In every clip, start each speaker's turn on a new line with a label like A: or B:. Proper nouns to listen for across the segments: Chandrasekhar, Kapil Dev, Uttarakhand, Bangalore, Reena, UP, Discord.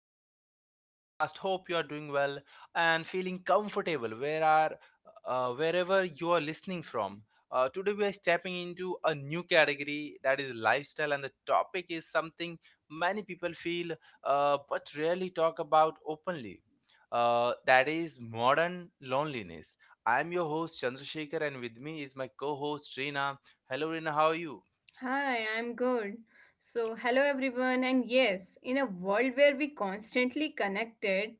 A: back to the podcast. Hope you are doing well and feeling comfortable wherever you are listening from. Today, we are stepping into a new category that is lifestyle, and the topic is something many people feel but rarely talk about openly. That is modern loneliness. I'm your host, Chandrasekhar, and with me is my co host, Reena. Hello, Reena, how are you?
B: Hi, I'm good. So, hello everyone, and yes, in a world where we constantly connected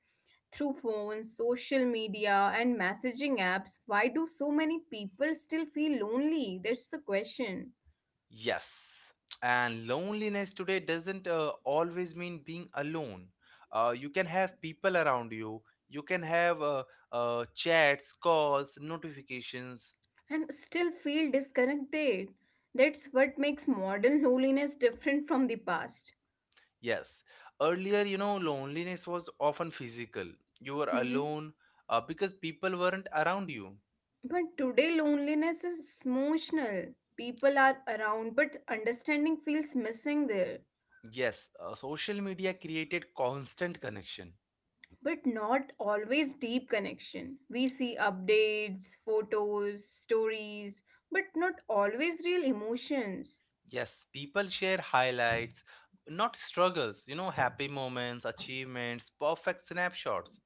B: through phones, social media, and messaging apps, why do so many people still feel lonely? That's the question.
A: Yes, and loneliness today doesn't always mean being alone. You can have people around you, you can have chats, calls, notifications.
B: And still feel disconnected. That's what makes modern loneliness different from the past.
A: Yes, earlier, you know, loneliness was often physical. You were
B: Mhm.
A: alone because people weren't around you.
B: But today, loneliness is emotional. People are around, but understanding feels missing there.
A: Yes, social media created constant connection.
B: But not always deep connection. We see updates, photos, stories, but not always real emotions.
A: Yes, people share highlights, not struggles, you know, happy moments, achievements, perfect snapshots.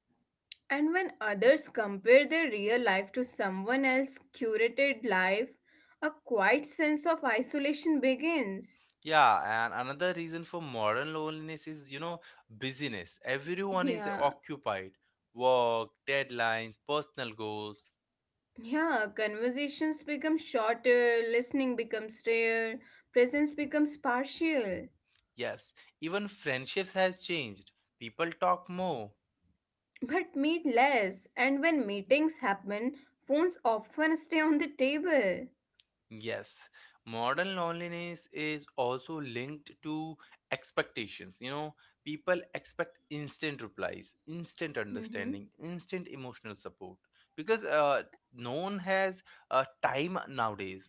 B: And when others compare their real life to someone else's curated life, a quiet sense of isolation begins.
A: Yeah, and another reason for modern loneliness is, you know, busyness. Everyone is
B: Yeah,
A: occupied. Work, deadlines, personal goals.
B: yeah, conversations become shorter, listening becomes rare, presence becomes partial.
A: Yes, even friendships has changed. People talk more.
B: But meet less. And when meetings happen, phones often stay on the table.
A: Yes, modern loneliness is also linked to expectations. You know, people expect instant replies, instant
B: Mhm.
A: understanding, instant emotional support because no one has time nowadays.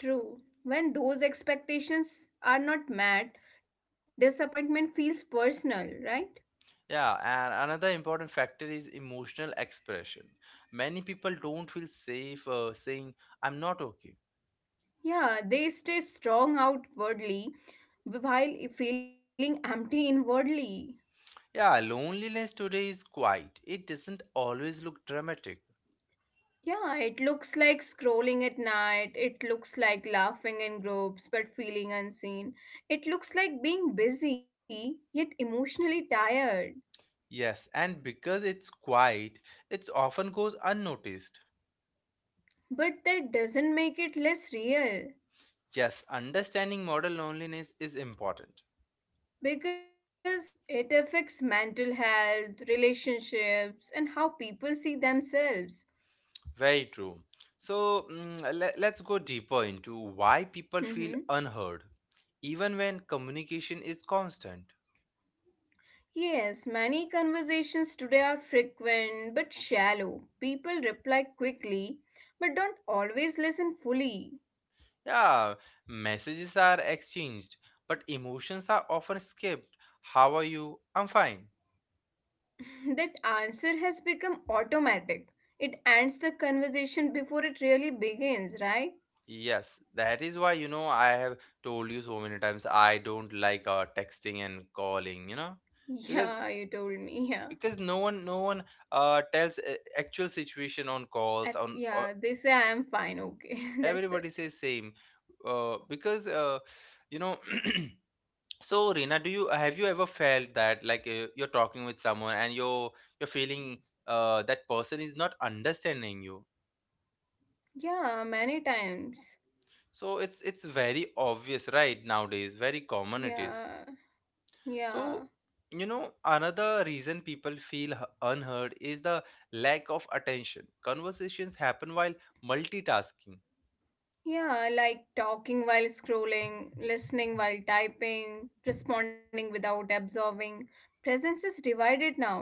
B: True. When those expectations are not met, disappointment feels personal, right?
A: Yeah, and another important factor is emotional expression. Many people don't feel safe saying, I'm not okay.
B: Yeah, they stay strong outwardly while feeling empty inwardly.
A: Yeah, loneliness today is quiet. It doesn't always look dramatic.
B: Yeah, it looks like scrolling at night, it looks like laughing in groups but feeling unseen, it looks like being busy yet emotionally tired.
A: Yes, and because it's quiet, it often goes unnoticed.
B: But that doesn't make it less real
A: Yes, understanding model loneliness is important.
B: because it affects mental health, relationships, and how people see themselves.
A: Very true. So, let's go deeper into why people feel
B: Hmm.
A: unheard, even when communication is constant.
B: Yes, many conversations today are frequent but shallow. People reply quickly but don't always listen fully.
A: Yeah, messages are exchanged, but emotions are often skipped. How are you? I'm fine.
B: That answer has become automatic. It ends the conversation before it really begins, right?
A: Yes, that is why, you know, I have told you so many times I don't like texting and calling, you know,
B: Yeah, you
A: because
B: told me. Yeah.
A: no one tells actual situation on calls
B: Ac-
A: on
B: Yeah, they say I am fine. Okay, that's
A: Everybody
B: it.
A: says same because you know So, Reena, do you have you ever felt that like you're talking with someone and you're feeling that person is not understanding you?
B: Yeah, many times.
A: So it's very obvious, right? Nowadays, very common it is.
B: Yeah, yeah,
A: So you know another reason people feel unheard is the lack of attention. Conversations happen while multitasking.
B: yeah, like talking while scrolling, listening while typing, responding without absorbing. Presence is divided now.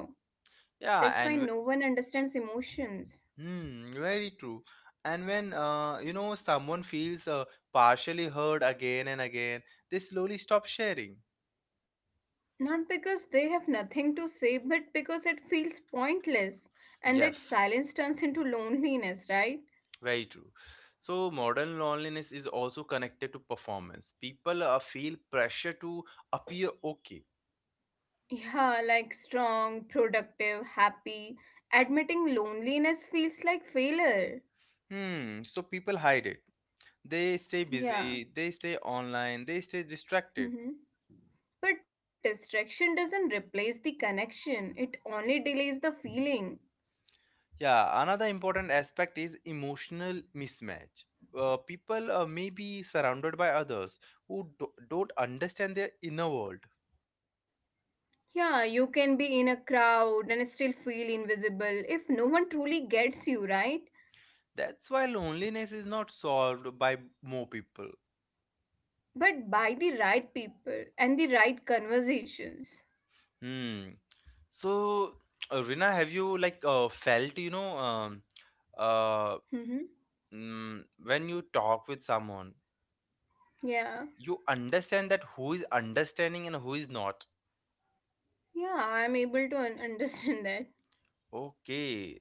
A: Yeah,
B: That's
A: and
B: why
A: w-
B: no one understands emotions.
A: hmm, very true. And when you know someone feels partially heard again and again, they slowly stop sharing.
B: Not because they have nothing to say, but because it feels pointless. And that
A: Yes,
B: silence turns into loneliness, right?
A: very true. So modern loneliness is also connected to performance. People feel pressure to appear okay.
B: Yeah, like strong, productive, happy. Admitting loneliness feels like failure.
A: Hmm, so people hide it. They stay busy,
B: Yeah.
A: they stay online, they stay distracted.
B: Mm-hmm. But distraction doesn't replace the connection, it only delays the feeling.
A: Yeah, another important aspect is emotional mismatch. People may be surrounded by others who don't understand their inner world.
B: Yeah, you can be in a crowd and still feel invisible if no one truly gets you, right?
A: That's why loneliness is not solved by more people.
B: But by the right people and the right conversations.
A: Hmm. So, Rina, have you like felt, you know, uh,
B: Hmm.
A: when you talk with someone,
B: Yeah,
A: you understand that who is understanding and who is not.
B: yeah, I'm able to understand that.
A: Okay.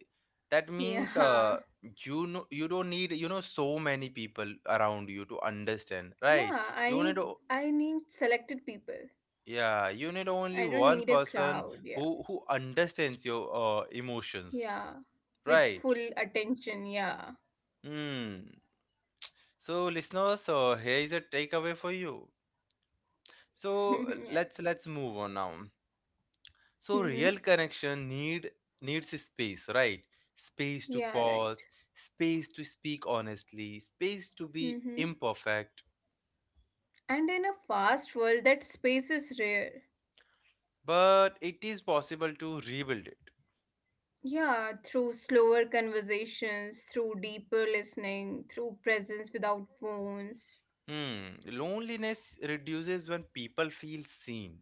A: That means
B: Yeah,
A: you know you don't need, you know, so many people around you to understand, right?
B: yeah, I
A: You need
B: need
A: o-
B: I need selected people.
A: yeah, you need only
B: I don't
A: one
B: need a
A: person
B: crowd. Yeah,
A: who understands your emotions,
B: yeah, with
A: right?
B: full attention. Yeah,
A: Hmm. So, listeners, so here is a takeaway for you. So
B: yeah.
A: let's move on now. So
B: Mm-hmm.
A: real connection needs space, right? Space to
B: Yeah, right.
A: pause, space to speak honestly, space to be
B: Mm-hmm.
A: imperfect,
B: And in a fast world, that space is rare.
A: but it is possible to rebuild it.
B: Yeah, through slower conversations, through deeper listening, through presence without phones.
A: Hmm. Loneliness reduces when people feel seen,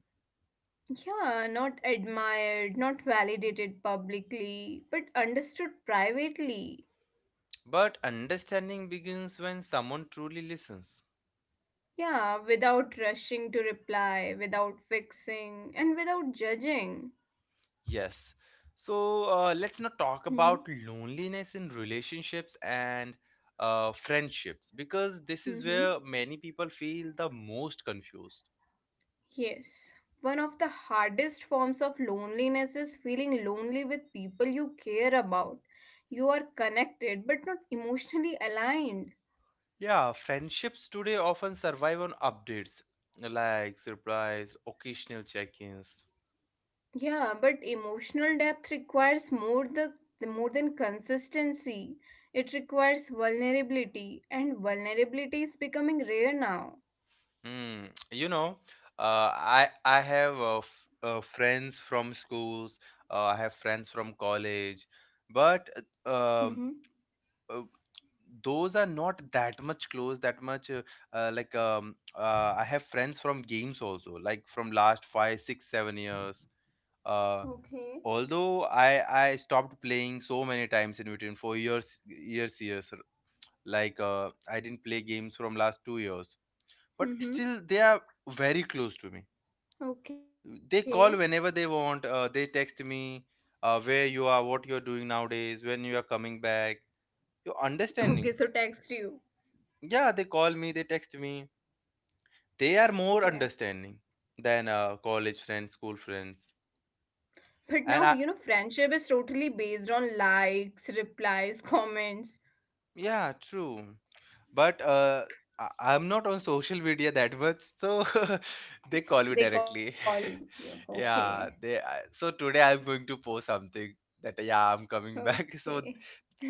B: Yeah, not admired, not validated publicly, but understood privately.
A: but understanding begins when someone truly listens.
B: Yeah, without rushing to reply, without fixing, and without judging.
A: Yes. So let's not talk
B: Mm-hmm.
A: about loneliness in relationships and friendships because this is
B: Mm-hmm.
A: where many people feel the most confused.
B: Yes, one of the hardest forms of loneliness is feeling lonely with people you care about. You are connected but not emotionally aligned.
A: Yeah, friendships today often survive on updates like surprise, occasional check-ins.
B: Yeah, but emotional depth requires more than consistency. It requires vulnerability, and vulnerability is becoming rare now.
A: Hmm. You know, I have f friends from schools. I have friends from college, but uh, um
B: Mm-hmm.
A: uh, those are not that much close, that much I have friends from games also, like from last 5, 6, 7 years. uh,
B: Okay.
A: although i i stopped playing so many times in between, four years. I didn't play games from last 2 years, but still
B: Mm-hmm.
A: they are very close to me. They
B: Okay.
A: call whenever they want, they text me, where you are, what you're doing nowadays, when you are coming back, your understanding.
B: Okay, so text you.
A: Yeah, they call me, they text me. They are more
B: Yeah.
A: understanding than college friends, school friends.
B: But
A: And
B: now, you know, friendship is totally based on likes, replies, comments.
A: Yeah, true. But I- I'm not on social media that much, so they call me
B: They
A: directly.
B: call you. Okay.
A: Yeah, they. So today I'm going to post something that yeah, I'm coming back. So
B: Okay.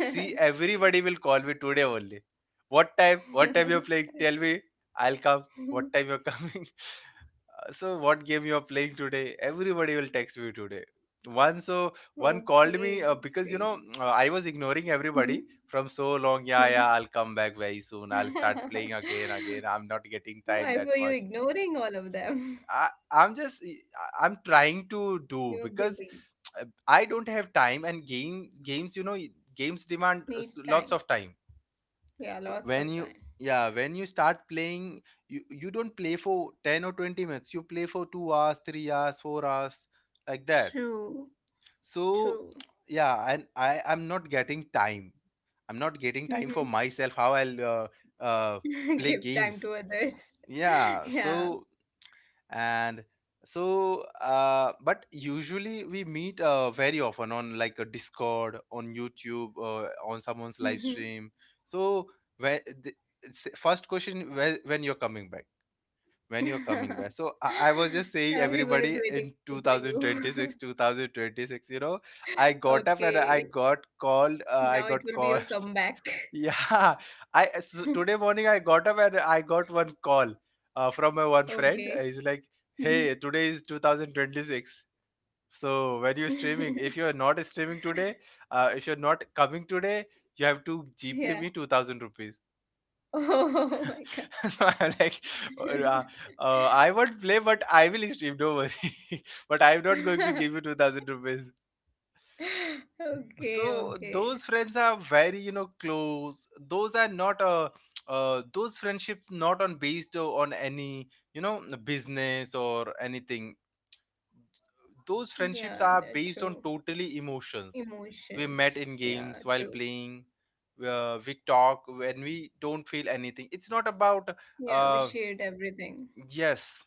A: see, everybody will call me today only. What time? What time you're playing? Tell me. I'll come. What time you're coming? So what game you're playing today? Everybody will text me today. One called
B: Okay,
A: me
B: that's
A: because you
B: great.
A: know, I was ignoring
B: Mhm.
A: everybody from so long. Yeah,
B: Mhm.
A: yeah, I'll come back very soon, I'll start playing again. I'm not getting
B: Why
A: time that
B: were you
A: much.
B: ignoring all of them?
A: I, I'm just I'm trying to
B: You're
A: do
B: busy.
A: because I don't have time and games, you know, games demand
B: Needs time.
A: lots of time.
B: Yeah, lots of
A: When you
B: time.
A: Yeah, when you start playing, you don't play for 10 or 20 minutes, you play for 2 hours, 3 hours, 4 hours like that.
B: True.
A: So
B: True.
A: yeah, and I'm not getting time, I'm not getting time for
B: Mhm.
A: myself. How I'll uh, play
B: Give time to
A: games?
B: others.
A: Yeah,
B: Yeah.
A: so. And so but usually we meet very often on like a discord, on youtube, on someone's live stream. So when the first question, when you're coming back, when you're coming back. So I was just saying
B: Everyone is
A: everybody, in
B: waiting for you.
A: 2026, you know, I got up and
B: Okay,
A: I
B: now it
A: got
B: will be your
A: calls.
B: comeback.
A: Yeah. I So today morning I got up and I got one call from my one friend.
B: Okay.
A: He's like, "Hey,
B: Mhm.
A: today is 2026. So when you're streaming, if you're not streaming today, if you're not coming today, you have to G pay
B: Yeah.
A: me 2000 rupees."
B: Oh, my God.
A: Like uh, I won't play, but I will stream. Don't worry. But I'm not going to give you 2,000 rupees.
B: Okay,
A: So
B: okay.
A: those friends are very you know close. Those are not those friendships, not on based on any, you know, business or anything. Those
B: Yeah,
A: friendships
B: that's
A: are
B: true.
A: based on totally emotions. We
B: Emotions.
A: met in
B: Yeah,
A: games
B: true.
A: while playing. We talk when we don't feel anything. It's not about
B: Yeah, we
A: uh
B: shared everything.
A: yes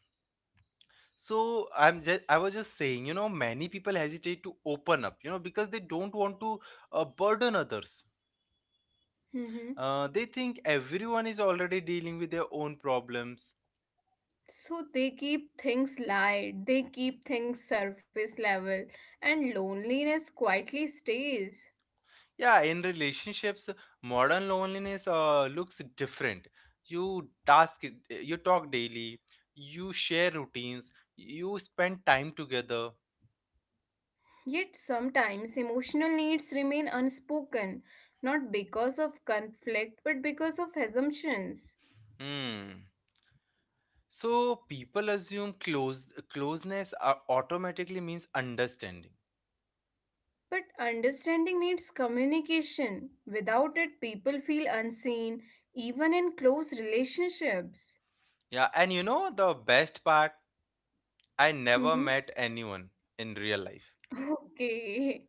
A: so I'm just, I was just saying, you know, many people hesitate to open up, you know, because they don't want to burden others.
B: Mm-hmm.
A: They think everyone is already dealing with their own problems.
B: So they keep things light, they keep things surface level, and loneliness quietly stays.
A: Yeah, in relationships, modern loneliness looks different. You task, you talk daily, you share routines, you spend time together.
B: Yet sometimes emotional needs remain unspoken, not because of conflict but because of assumptions.
A: Hmm. So people assume closeness automatically means understanding.
B: But understanding needs communication. Without it, people feel unseen, even in close relationships.
A: Yeah, and you know the best part, I never
B: Hmm.
A: met anyone in real life.
B: Okay.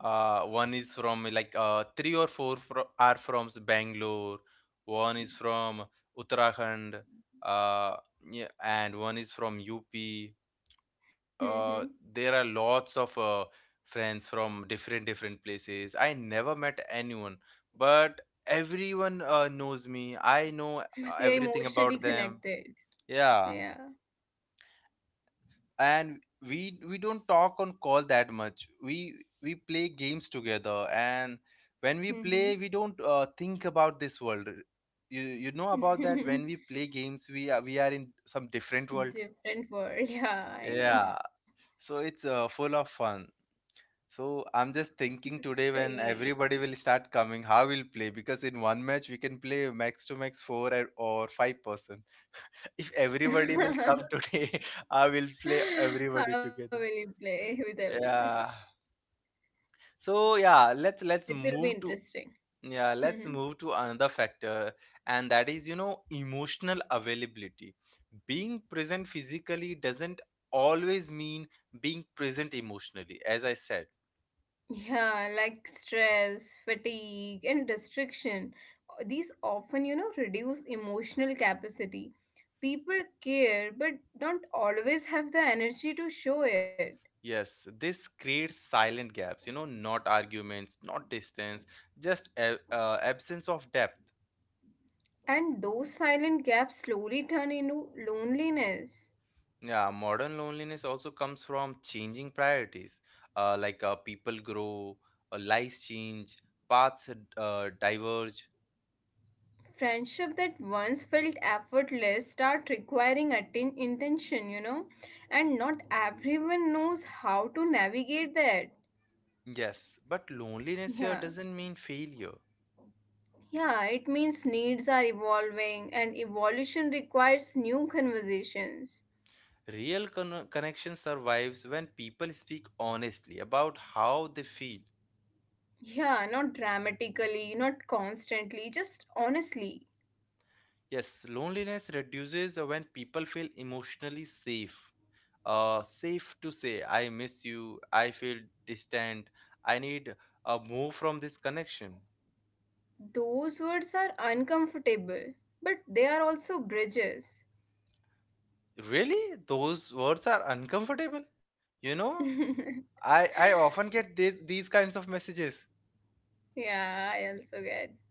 A: One is from like three or four, are from Bangalore, one is from Uttarakhand, uh, yeah, and one is from UP.
B: Hmm.
A: Uh, there are lots of friends from different different places. I never met anyone, but everyone knows me. I know
B: But you're
A: everything
B: emotionally
A: about them.
B: connected.
A: Yeah.
B: Yeah.
A: And we don't talk on call that much. We play games together, and when we play
B: Hmm.
A: we don't think about this world. You know about that, when we play games, we are in some different world,
B: Different world. Yeah, I know.
A: yeah. So it's full of fun. So I'm just thinking,
B: That's
A: today when
B: great.
A: everybody will start coming, how we'll play, because in one match we can play max to max 4 or 5 person. If everybody will come today I will play
B: How
A: everybody
B: will
A: together,
B: you play with everyone?
A: yeah. So yeah, let's
B: It will be
A: move to
B: interesting.
A: yeah, let's
B: Mhm.
A: move to another factor, and that is, you know, emotional availability. Being present physically doesn't always mean being present emotionally, as I said.
B: Yeah, like stress, fatigue, and distraction. These often, you know, reduce emotional capacity. People care but don't always have the energy to show it.
A: Yes, this creates silent gaps, you know, not arguments, not distance, just a, absence of depth.
B: And those silent gaps slowly turn into loneliness.
A: Yeah, modern loneliness also comes from changing priorities, like people grow, lives change, paths diverge.
B: Friendship that once felt effortless start requiring intention, you know, and not everyone knows how to navigate that.
A: Yes, but loneliness here
B: Yeah,
A: doesn't mean failure.
B: yeah, it means needs are evolving and evolution requires new conversations.
A: Real connection survives when people speak honestly about how they feel.
B: Yeah, not dramatically, not constantly, just honestly.
A: Yes, loneliness reduces when people feel emotionally safe. Safe to say, I miss you, I feel distant, I need a move from this connection.
B: Those words are uncomfortable, but they are also bridges.
A: Really? Those words are uncomfortable? You know, I often get these kinds of messages.
B: Yeah, I also get.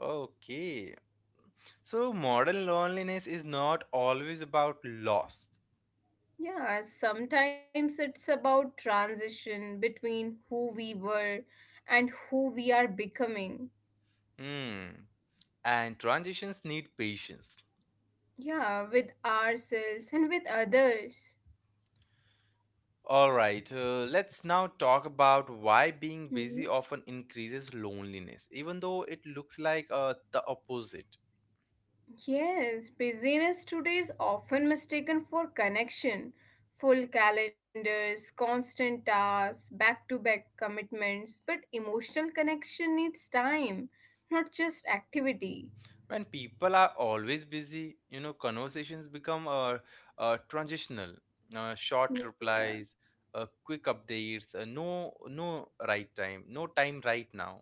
A: Okay. So, modern loneliness is not always about loss.
B: Yeah, sometimes it's about transition between who we were and who we are becoming.
A: Hmm. And transitions need patience.
B: Yeah, with ourselves and with others.
A: Alright, let's now talk about why being busy
B: Mhm.
A: often increases loneliness, even though it looks like the opposite.
B: Yes, busyness today is often mistaken for connection. Full calendars, constant tasks, back to back commitments, but emotional connection needs time, not just activity.
A: When people are always busy, you know, conversations become transitional. Short
B: Yeah.
A: replies, quick updates, no right time, no time right now.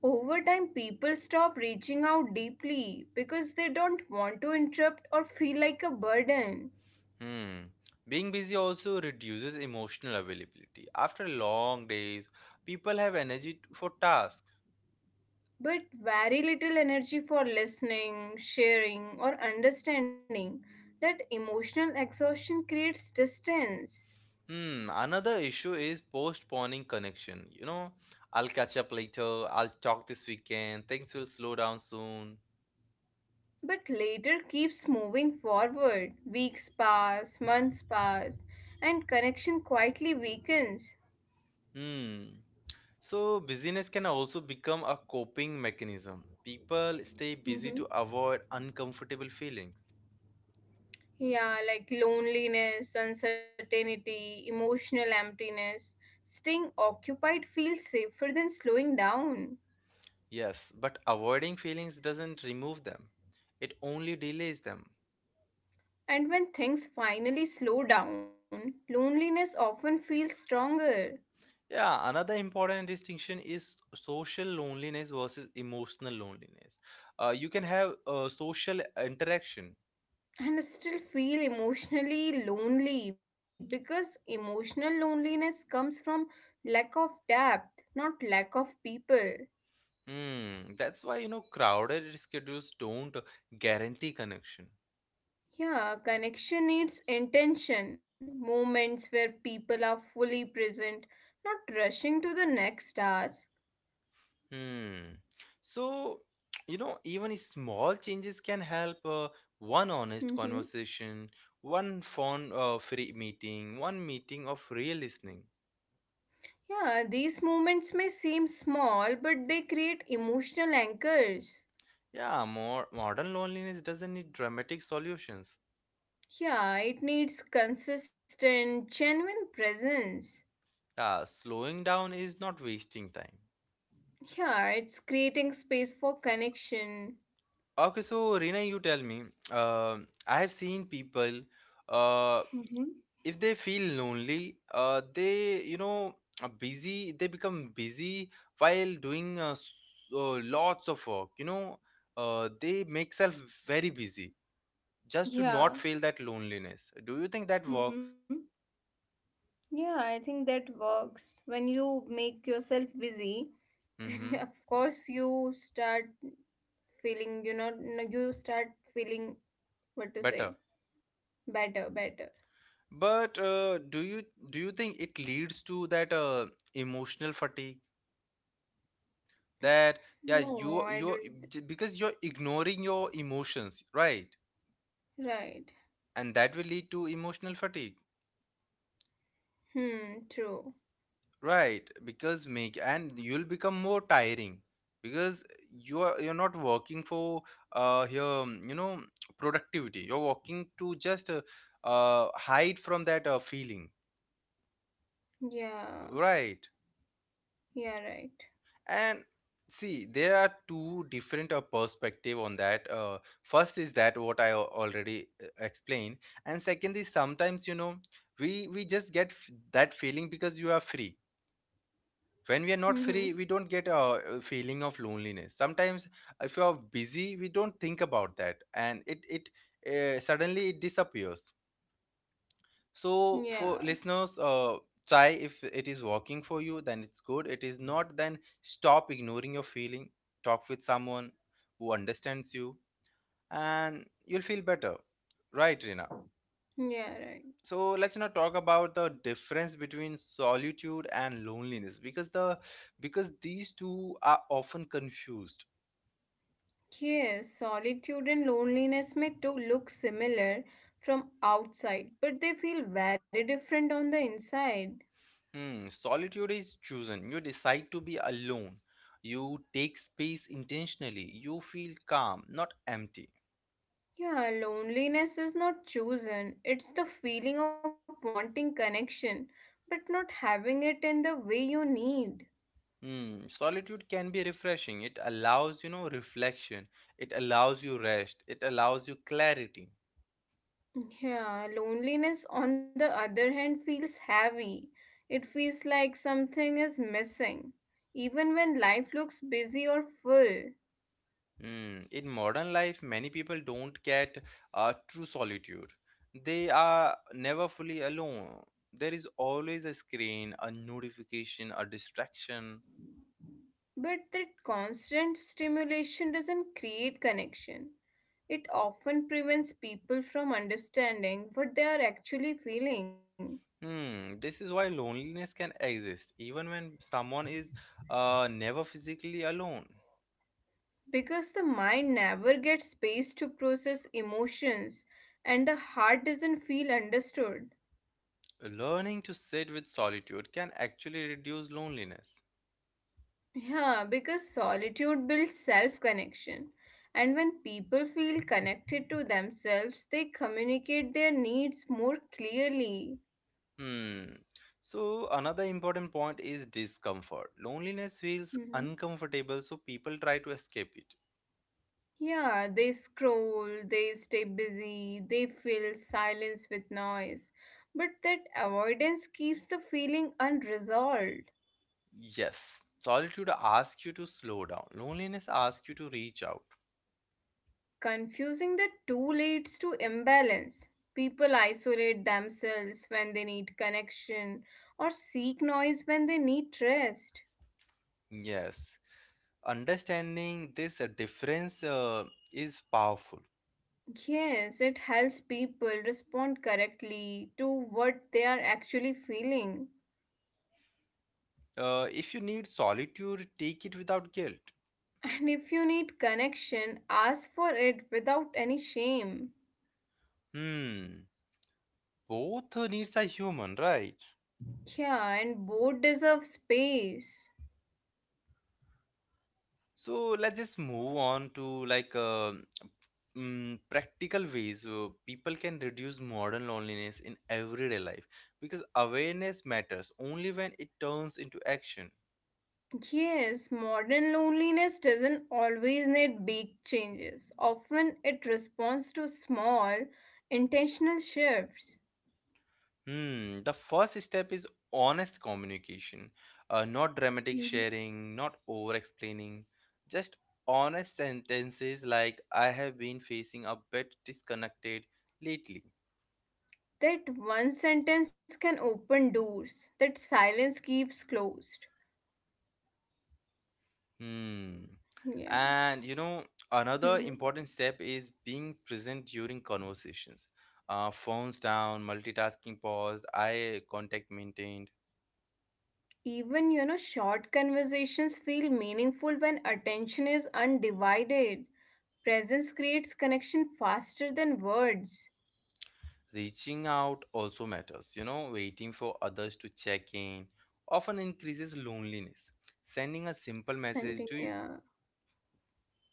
B: Over time, people stop reaching out deeply because they don't want to interrupt or feel like a burden,
A: Hmm. Being busy also reduces emotional availability. After long days, people have energy for tasks.
B: but very little energy for listening, sharing, or understanding. That emotional exhaustion creates distance,
A: Hmm. Another issue is postponing connection. You know, I'll catch up later. I'll talk this weekend. Things will slow down soon.
B: but later keeps moving forward. Weeks pass, months pass, and connection quietly weakens.
A: Hmm. So busyness can also become a coping mechanism. People stay busy to
B: Mm-hmm.
A: avoid uncomfortable feelings.
B: Yeah, like loneliness, uncertainty, emotional emptiness. Staying occupied feels safer than slowing down.
A: Yes, but avoiding feelings doesn't remove them. It only delays them.
B: And when things finally slow down, loneliness often feels stronger.
A: Yeah, another important distinction is social loneliness versus emotional loneliness. You can have social interaction.
B: And I still feel emotionally lonely because emotional loneliness comes from lack of depth, not lack of people.
A: Hmm, that's why crowded schedules don't guarantee connection.
B: Yeah, connection needs intention, moments where people are fully present, not rushing to the next task.
A: Hmm. So, you know, even small changes can help. One honest
B: Mhm.
A: conversation, one phone free meeting, one meeting of real listening.
B: Yeah, these moments may seem small, but they create emotional anchors.
A: Yeah, more modern loneliness doesn't need dramatic solutions.
B: Yeah, it needs consistent, genuine presence.
A: Yeah, slowing down is not wasting time.
B: Yeah, it's creating space for connection.
A: Okay, so Rina, you tell me. Uh, I have seen people, uh,
B: Mm-hmm.
A: if they feel lonely, they, are busy, they become busy while doing so lots of work. They make self very busy just to not
B: Yeah.
A: feel that loneliness. Do you think that
B: Mm-hmm.
A: works?
B: Yeah, I think that works. When you make yourself busy, then
A: Mm-hmm.
B: of course you start feeling no, you start feeling, what to
A: Better.
B: say, better. Better.
A: But do you think it leads to that emotional fatigue? That Yeah,
B: No,
A: you
B: I
A: you
B: don't.
A: j- because you're ignoring your emotions, right?
B: Right.
A: And that will lead to emotional fatigue,
B: Hmm, true.
A: right? Because make and you'll become more tiring because you're not working for your productivity. You're working to just hide from that feeling,
B: Yeah,
A: right?
B: yeah, right.
A: And see, there are two different perspective on that. First is that what I already explained, and second is, sometimes, you know, we just get that feeling because you are free. When we are not
B: Mm-hmm.
A: free, we don't get a feeling of loneliness. Sometimes if you are busy, we don't think about that, and it suddenly it disappears. So
B: Yeah,
A: for listeners, try. If it is working for you, then it's good. It is not, then stop ignoring your feeling. Talk with someone who understands you, and you'll feel better. Right, Rina?
B: yeah,
A: So
B: right.
A: let's now talk about the difference between solitude and loneliness, because these two are often confused.
B: Yes, solitude and loneliness may to look similar from outside but they feel very different on the inside.
A: Hmm, solitude is chosen. You decide to be alone. You take space intentionally. You feel calm, not empty.
B: Yeah, loneliness is not chosen. It's the feeling of wanting connection, but not having it in the way you need.
A: Mm, solitude can be refreshing. It allows, you know, reflection. It allows you rest. It allows you clarity.
B: Yeah, loneliness, on the other hand, feels heavy. It feels like something is missing, even when life looks busy or full.
A: Mm. In modern life, many people don't get true solitude. They are never fully alone. There is always a screen, a notification, a distraction.
B: But that constant stimulation doesn't create connection. It often prevents people from understanding what they are actually feeling.
A: Hmm. This is why loneliness can exist, even when someone is never physically alone.
B: Because the mind never gets space to process emotions and the heart doesn't feel understood.
A: Learning to sit with solitude can actually reduce loneliness.
B: Yeah, because solitude builds self connection. And when people feel connected to themselves, they communicate their needs more clearly.
A: Hmm. So another important point is discomfort. Loneliness feels
B: Mhm.
A: uncomfortable, so people try to escape it.
B: Yeah, they scroll, they stay busy, they fill silence with noise. But that avoidance keeps the feeling unresolved.
A: Yes. Solitude asks you to slow down. Loneliness asks you to reach out.
B: Confusing the two leads to imbalance. People isolate themselves when they need connection or seek noise when they need rest.
A: Yes. Understanding this difference is powerful.
B: Yes, it helps people respond correctly to what they are actually feeling.
A: If you need solitude, take it without guilt.
B: And if you need connection, ask for it without any shame.
A: Hmm. Both needs are human, right?
B: Yeah, and both deserve space.
A: So let's just move on to like practical ways people can reduce modern loneliness in everyday life, because awareness matters only when it turns into action.
B: Yes, modern loneliness doesn't always need big changes. Often it responds to small, intentional shifts.
A: Hmm, the first step is honest communication, not dramatic
B: Mhm.
A: sharing, not over explaining, just honest sentences like, I have been facing a bit disconnected lately.
B: That one sentence can open doors that silence keeps closed.
A: Hmm.
B: Yeah.
A: And you know, another
B: Mhm.
A: important step is being present during conversations. Phones down, multitasking paused, eye contact maintained.
B: Even, you know, short conversations feel meaningful when attention is undivided. Presence creates connection faster than words.
A: Reaching out also matters. You know, waiting for others to check in often increases loneliness. Sending a simple message,
B: Sending,
A: do you?
B: yeah.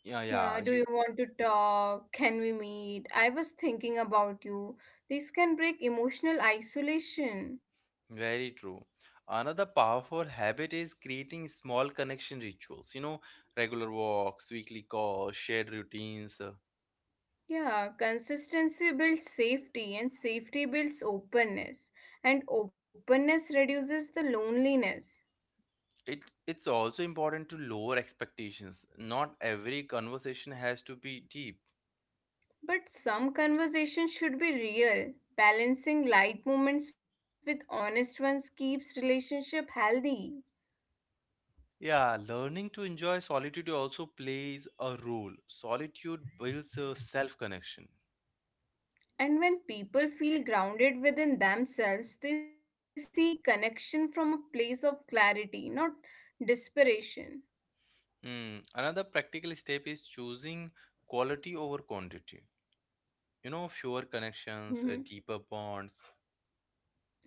A: Yeah,
B: Yeah,
A: yeah,
B: do
A: you.
B: you want to talk? Can we meet? I was thinking about you. This can break emotional isolation.
A: Very true. Another powerful habit is creating small connection rituals. You know, regular walks, weekly calls, shared routines.
B: Yeah, consistency builds safety, and safety builds openness, and openness reduces the loneliness.
A: It it's also important to lower expectations. Not every conversation has to be deep.
B: But some conversations should be real. Balancing light moments with honest ones keeps relationship healthy.
A: Yeah, learning to enjoy solitude also plays a role. Solitude builds a self-connection.
B: And when people feel grounded within themselves, they seek connection from a place of clarity, not desperation.
A: Hmm. Another practical step is choosing quality over quantity. You know, fewer connections,
B: Mhm.
A: deeper bonds.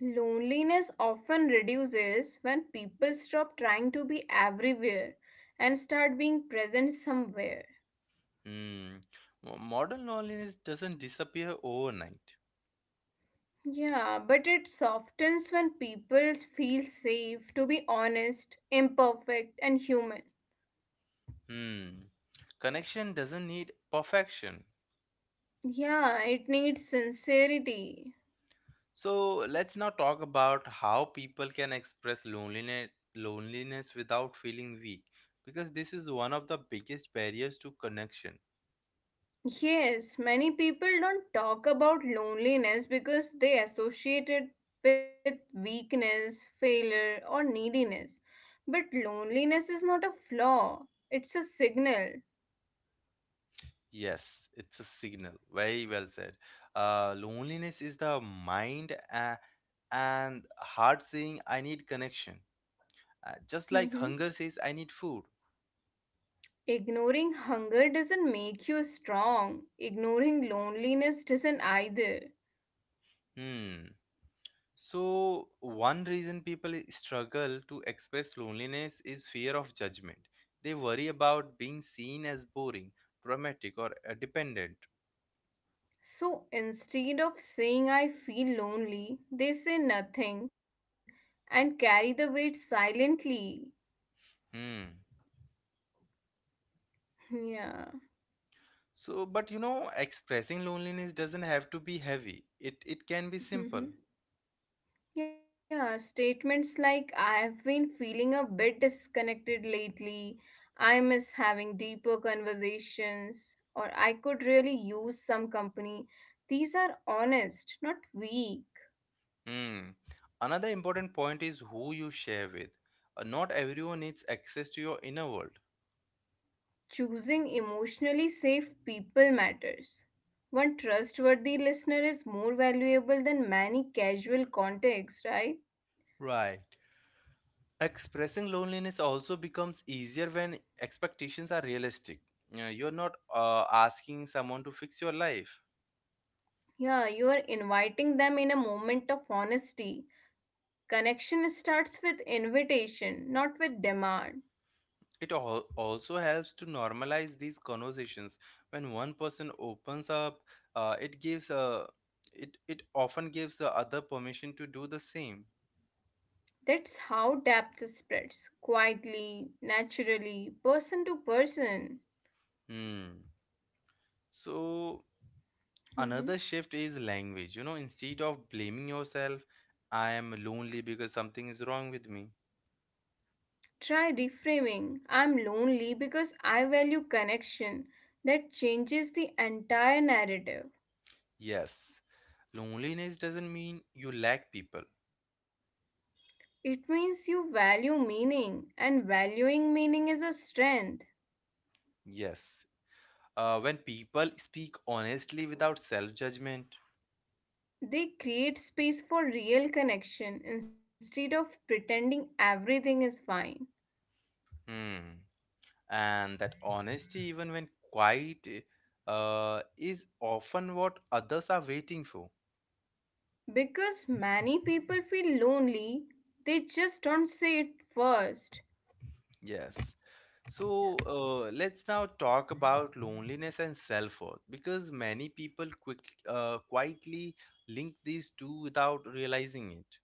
B: Loneliness often reduces when people stop trying to be everywhere and start being present somewhere.
A: Hmm. Modern loneliness doesn't disappear overnight.
B: Yeah, but it softens when people feel safe to be honest, imperfect, and human.
A: Hmm. Connection doesn't need perfection.
B: Yeah, it needs sincerity.
A: So let's now talk about how people can express loneliness without feeling weak, because this is one of the biggest barriers to connection.
B: Yes, many people don't talk about loneliness because they associate it with weakness, failure, or neediness. But loneliness is not a flaw, it's a signal.
A: Yes, it's a signal. Very well said. Loneliness is the mind and heart saying, I need connection. Just like
B: Mhm.
A: hunger says, I need food.
B: Ignoring hunger doesn't make you strong, ignoring loneliness doesn't either.
A: Hmm. So, one reason people struggle to express loneliness is fear of judgment. They worry about being seen as boring, dramatic, or dependent.
B: So instead of saying I feel lonely, they say nothing and carry the weight silently.
A: Hmm.
B: Yeah.
A: So, but you know, expressing loneliness doesn't have to be heavy. It can be simple.
B: Yeah, statements like I've been feeling a bit disconnected lately, I miss having deeper conversations, or I could really use some company. These are honest, not weak.
A: Hmm. Another important point is who you share with. Not everyone needs access to your inner world.
B: Choosing emotionally safe people matters. One trustworthy listener is more valuable than many casual contacts, right?
A: Right. Expressing loneliness also becomes easier when expectations are realistic. You're not asking someone to fix your life.
B: Yeah, you are inviting them in a moment of honesty. Connection starts with invitation, not with demand.
A: It also helps to normalize these conversations. When one person opens up, uh, it gives a it it often gives the other permission to do the same.
B: That's how depth spreads quietly, naturally, person to person.
A: Hmm. So another
B: Mhm.
A: shift is language. You know, instead of blaming yourself, I am lonely because something is wrong with me.
B: Try reframing I'm lonely because I value connection. That changes the entire narrative.
A: Yes, loneliness doesn't mean you lack people.
B: It means you value meaning, and valuing meaning is a strength.
A: Yes, when people speak honestly without self judgment,
B: They create space for real connection instead of pretending everything is fine.
A: hmm, and that honesty, even when quiet, is often what others are waiting for.
B: Because many people feel lonely, they just don't say it first.
A: Yes. So let's now talk about loneliness and self-worth, because many people quietly link these two without realizing it.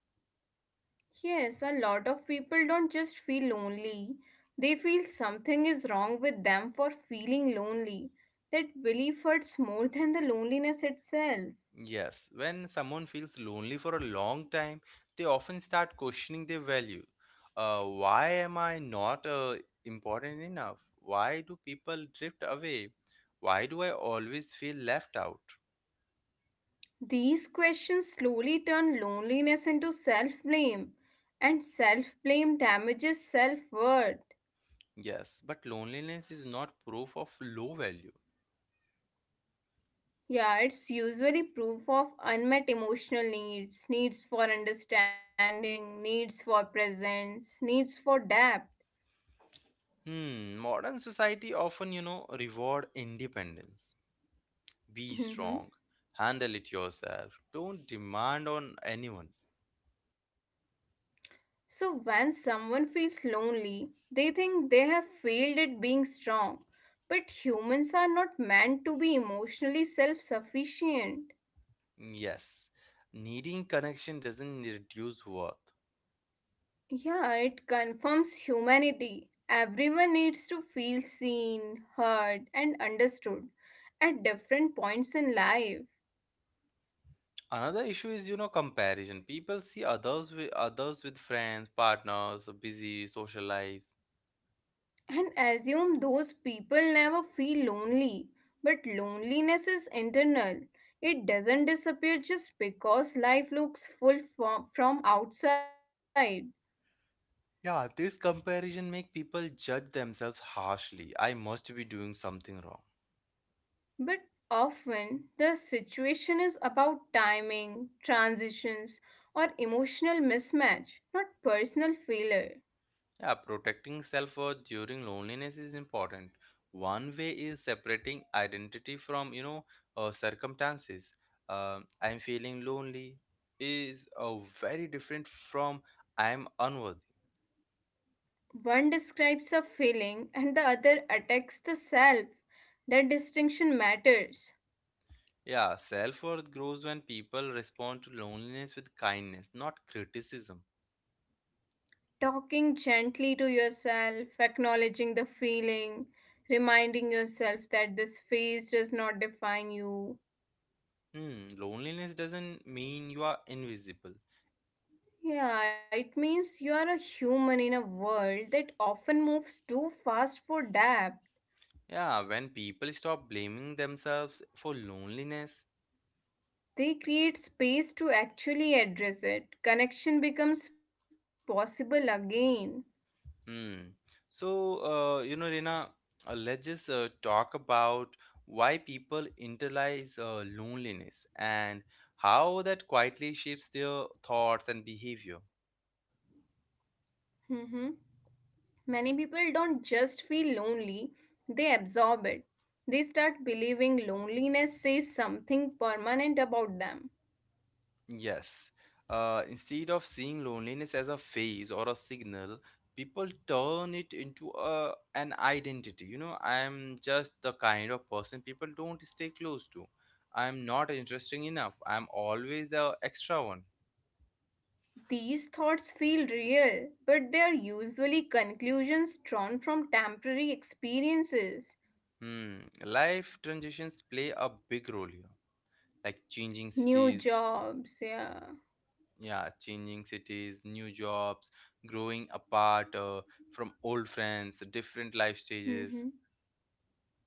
B: Yes, a lot of people don't just feel lonely, they feel something is wrong with them for feeling lonely. That belief hurts more than the loneliness itself.
A: Yes, when someone feels lonely for a long time, they often start questioning their value. Why am I not important enough? Why do people drift away? Why do I always feel left out?
B: These questions slowly turn loneliness into self blame, and self blame damages self worth.
A: Yes, but loneliness is not proof of low value.
B: Yeah, it's usually proof of unmet emotional needs, needs for understanding, needs for presence, needs for depth.
A: Hmm, modern society often, you know, reward independence. Be strong,
B: Mhm.
A: handle it yourself, don't demand on anyone.
B: So, when someone feels lonely, they think they have failed at being strong. But humans are not meant to be emotionally self sufficient.
A: Mm, yes, needing connection doesn't reduce worth.
B: Yeah, it confirms humanity. Everyone needs to feel seen, heard, and understood at different points in life.
A: Another issue is, you know, comparison. People see others with friends, partners, busy social lives.
B: And assume those people never feel lonely. But loneliness is internal. It doesn't disappear just because life looks from outside.
A: Yeah, this comparison make people judge themselves harshly. I must be doing something wrong.
B: But often the situation is about timing, transitions, or emotional mismatch, not personal failure.
A: Yeah, protecting self worth during loneliness is important. One way is separating identity from, you know, circumstances. I'm feeling lonely is very different from I'm unworthy.
B: One describes a feeling and the other attacks the self. That distinction matters.
A: Yeah, self worth grows when people respond to loneliness with kindness, not criticism.
B: Talking gently to yourself, acknowledging the feeling, reminding yourself that this phase does not define you.
A: Hmm, loneliness doesn't mean you are invisible.
B: Yeah, it means you are a human in a world that often moves too fast for depth.
A: Yeah, when people stop blaming themselves for loneliness,
B: They create space to actually address it. Connection becomes possible again.
A: hmm. So, you know, Reena, let's just talk about why people internalize loneliness and how that quietly shapes their thoughts and behavior.
B: Hmm. Many people don't just feel lonely, they absorb it. They start believing loneliness says something permanent about them.
A: Yes. Instead of seeing loneliness as a phase or a signal, people turn it into a an identity. You know, I am just the kind of person people don't stay close to. I am not interesting enough. I am always the extra one.
B: These thoughts feel real, but they are usually conclusions drawn from temporary experiences.
A: Hmm. Life transitions play a big role here, like changing
B: New
A: cities,
B: jobs, yeah.
A: yeah, changing cities, new jobs, growing apart from old friends, different life stages.
B: Mhm.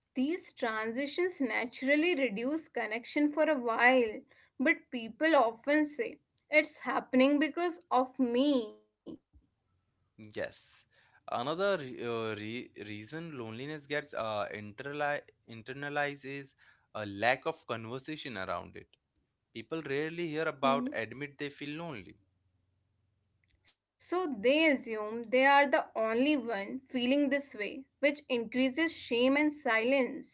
B: These transitions naturally reduce connection for a while, but people often say, it's happening because of me.
A: Yes. Another reason loneliness gets internalized is a lack of conversation around it. People rarely hear about
B: Mhm.
A: admit they feel lonely.
B: So they assume they are the only one feeling this way, which increases shame and silence.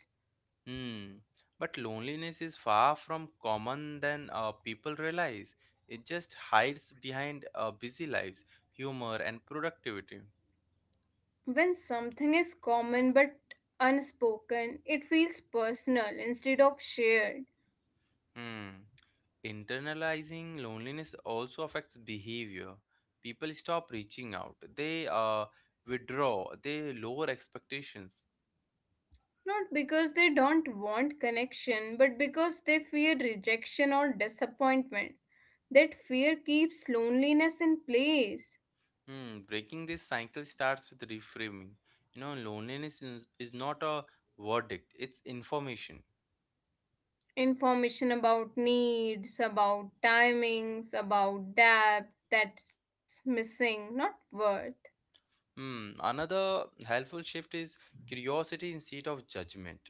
A: Hmm. But loneliness is far from common than people realize. It just hides behind busy lives, humor, and productivity.
B: When something is common but unspoken, it feels personal instead of shared.
A: Hmm. Internalizing loneliness also affects behavior. People stop reaching out. They withdraw. They lower expectations.
B: Not because they don't want connection, but because they fear rejection or disappointment. That fear keeps loneliness in place.
A: Hmm. Breaking this cycle starts with reframing. You know, loneliness is not a verdict. It's information.
B: Information about needs, about timings, about depth that's missing, not worth.
A: Hmm, another helpful shift is curiosity instead of judgment.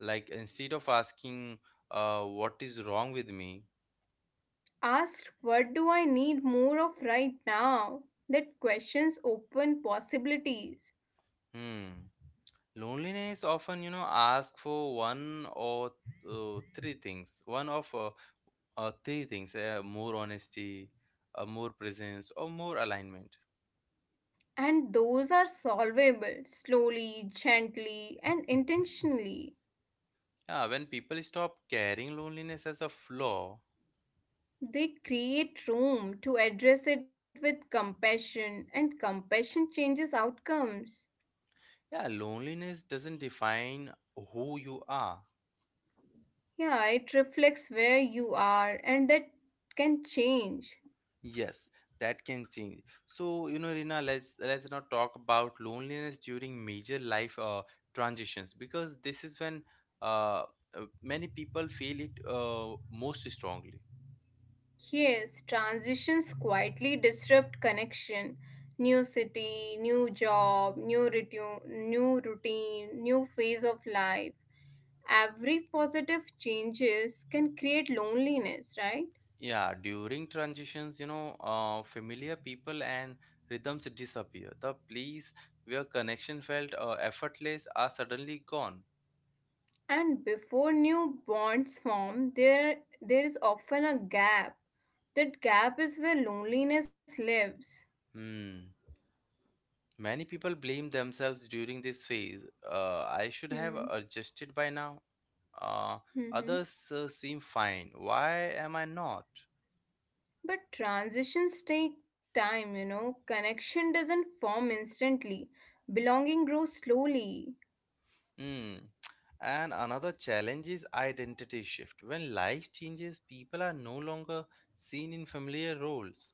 A: Like, instead of asking, what is wrong with me?
B: Asked, what do I need more of right now? That questions open possibilities.
A: Hmm. Loneliness often, you know, ask for one or three things. One of three things: more honesty, more presence, or more alignment.
B: And those are solvable slowly, gently, and intentionally.
A: Yeah, when people stop carrying loneliness as a flaw,
B: They create room to address it with compassion, and compassion changes outcomes.
A: yeah, loneliness doesn't define who you are.
B: Yeah, it reflects where you are, and that can change.
A: Yes, that can change. So, you know, Rina, let's not talk about loneliness during major life transitions, because this is when uh, many people feel it most strongly.
B: Yes, transitions quietly disrupt connection. New city, new job, new, ritu, new routine, new phase of life. Every positive changes can create loneliness, right?
A: Yeah, during transitions, you know, familiar people and rhythms disappear. The place where connection felt effortless are suddenly gone.
B: And before new bonds form, there is often a gap. That gap is where loneliness lives.
A: Hmm. Many people blame themselves during this phase. I should have
B: Hmm.
A: adjusted by now. Uh,
B: Hmm.
A: others seem fine. Why am I not?
B: But transitions take time, you know, connection doesn't form instantly. Belonging grows slowly.
A: Hmm. And another challenge is identity shift. When life changes, people are no longer seen in familiar roles.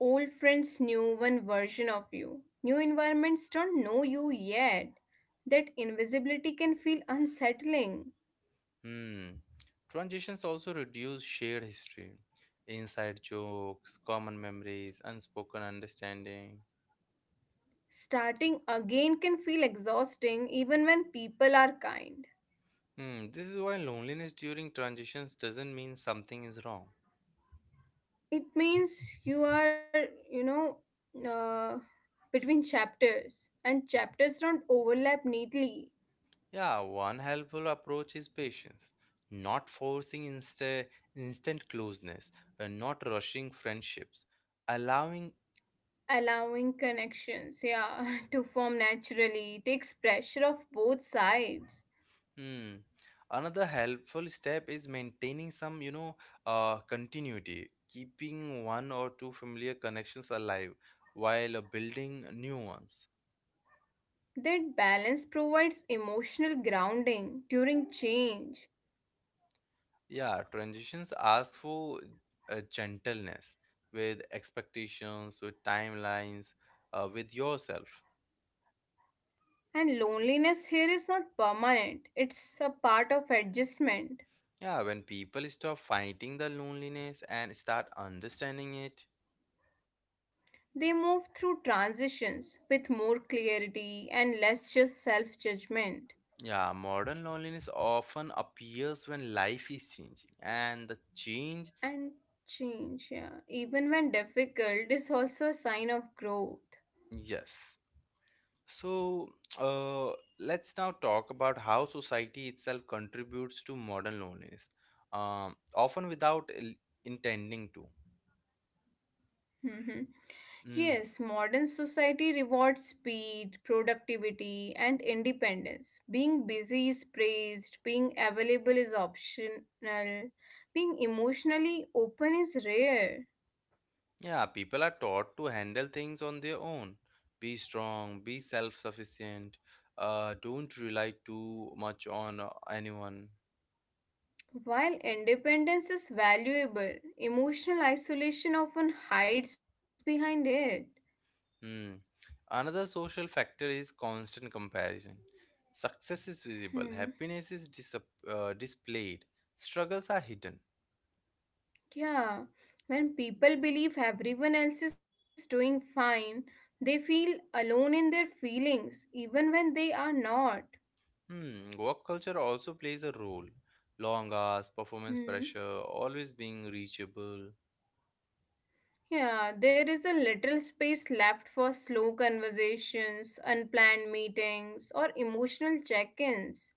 B: Old friends, new one version of you, new environments don't know you yet. That invisibility can feel unsettling.
A: Hmm. Transitions also reduce shared history, inside jokes, common memories, unspoken understanding.
B: Starting again can feel exhausting even when people are kind.
A: Hmm. This is why loneliness during transitions doesn't mean something is wrong.
B: It means you are, you know, uh, between chapters, and chapters don't overlap neatly.
A: Yeah, one helpful approach is patience, not forcing instant closeness, and not rushing friendships. Allowing,
B: Allowing connections, yeah, to form naturally, takes pressure off both sides.
A: hmm. Another helpful step is maintaining some, you know, continuity, keeping one or two familiar connections alive while building new ones.
B: That balance provides emotional grounding during change.
A: Yeah, transitions ask for gentleness with expectations, with timelines, with yourself.
B: And loneliness here is not permanent, it's a part of adjustment.
A: Yeah, when people stop fighting the loneliness and start understanding it.
B: They move through transitions with more clarity and less just self judgment.
A: Yeah, modern loneliness often appears when life is changing and the change,
B: And change, yeah, even when difficult, is also a sign of growth.
A: yes. So, uh, let's now talk about how society itself contributes to modern loneliness, often without intending to.
B: Mhm.
A: Mm-hmm.
B: Yes, modern society rewards speed, productivity, and independence. Being busy is praised, being available is optional, being emotionally open is rare.
A: Yeah, people are taught to handle things on their own. Be strong, be self sufficient, don't rely too much on anyone.
B: While independence is valuable, emotional isolation often hides behind it.
A: Hmm. Another social factor is constant comparison. Success is visible,
B: Hmm.
A: happiness is displayed, struggles are hidden.
B: Yeah, when people believe everyone else is doing fine, they feel alone in their feelings, even when they are not.
A: Hmm. Work culture also plays a role. Long hours, performance
B: Hmm.
A: pressure, always being reachable.
B: Yeah, there is a little space left for slow conversations, unplanned meetings, or emotional check ins.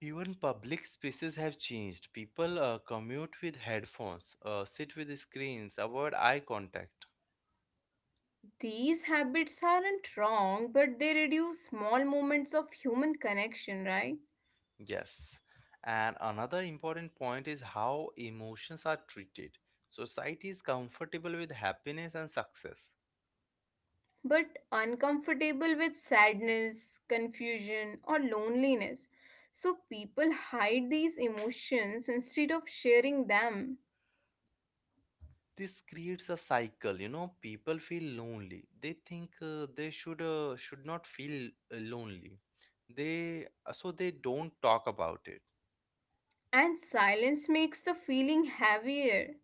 A: Even public spaces have changed. People commute with headphones, sit with screens, avoid eye contact.
B: These habits aren't wrong, but they reduce small moments of human connection, right?
A: Yes. And another important point is how emotions are treated. Society is comfortable with happiness and success.
B: But uncomfortable with sadness, confusion, or loneliness. So people hide these emotions instead of sharing them.
A: This creates a cycle, you know, people feel lonely. They think they should not feel lonely. They so they don't talk about it.
B: And silence makes the feeling heavier.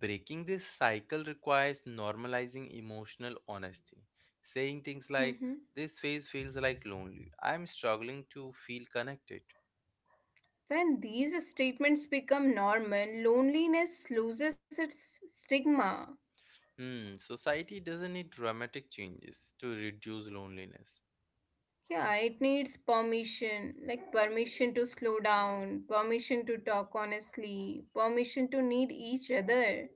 A: Breaking this cycle requires normalizing emotional honesty. Saying things like,
B: Mhm.
A: this phase feels like lonely. I'm struggling to feel connected.
B: When these statements become normal, loneliness loses its stigma.
A: Hmm, society doesn't need dramatic changes to reduce loneliness.
B: Yeah, it needs permission, like permission to slow down, permission to talk honestly, permission to need each other.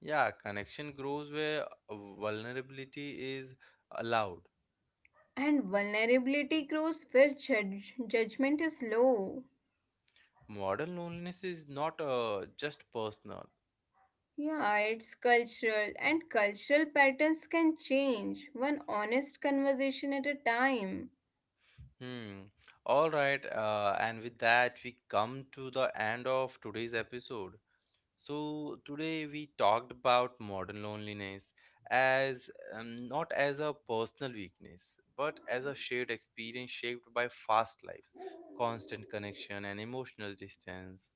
A: Yeah, connection grows where vulnerability is allowed.
B: And vulnerability grows where judgment is low.
A: Modern loneliness is not just personal.
B: Yeah, it's cultural, and cultural patterns can change, one honest conversation at a time.
A: Hmm. All right, and with that, we come to the end of today's episode. So today we talked about modern loneliness as not as a personal weakness, but as a shared experience shaped by fast lives, constant connection, and emotional distance.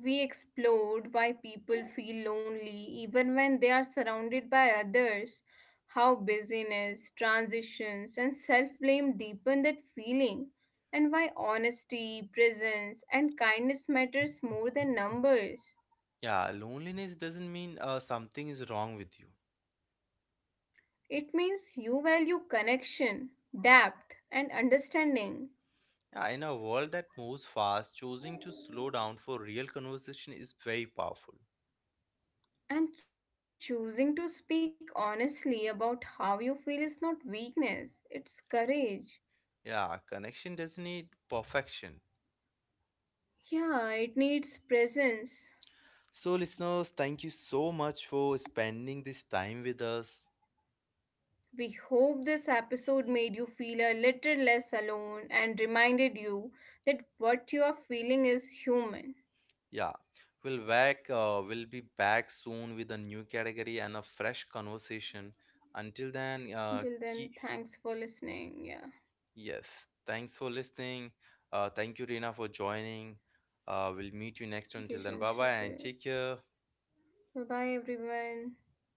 B: We explored why people feel lonely even when they are surrounded by others, how busyness, transitions, and self blame deepen that feeling, and why honesty, presence, and kindness matters more than numbers.
A: Yeah, loneliness doesn't mean something is wrong with you.
B: It means you value connection, depth, and understanding.
A: Yeah, in a world that moves fast, choosing to slow down for real conversation is very powerful.
B: And choosing to speak honestly about how you feel is not weakness, it's courage.
A: Yeah, connection doesn't need perfection.
B: Yeah, it needs presence.
A: So, listeners, thank you so much for spending this time with us.
B: We hope this episode made you feel a little less alone and reminded you that what you are feeling is human.
A: Yeah, we'll be back soon with a new category and a fresh conversation. Until then,
B: Until then, thanks for listening. Yeah.
A: yes. Thanks for listening. Thank you, Rina, for joining. We'll meet you next. Until then,
B: Thank
A: bye
B: you,
A: bye and take
B: Chandrasekhar.
A: care.
B: Bye bye, everyone.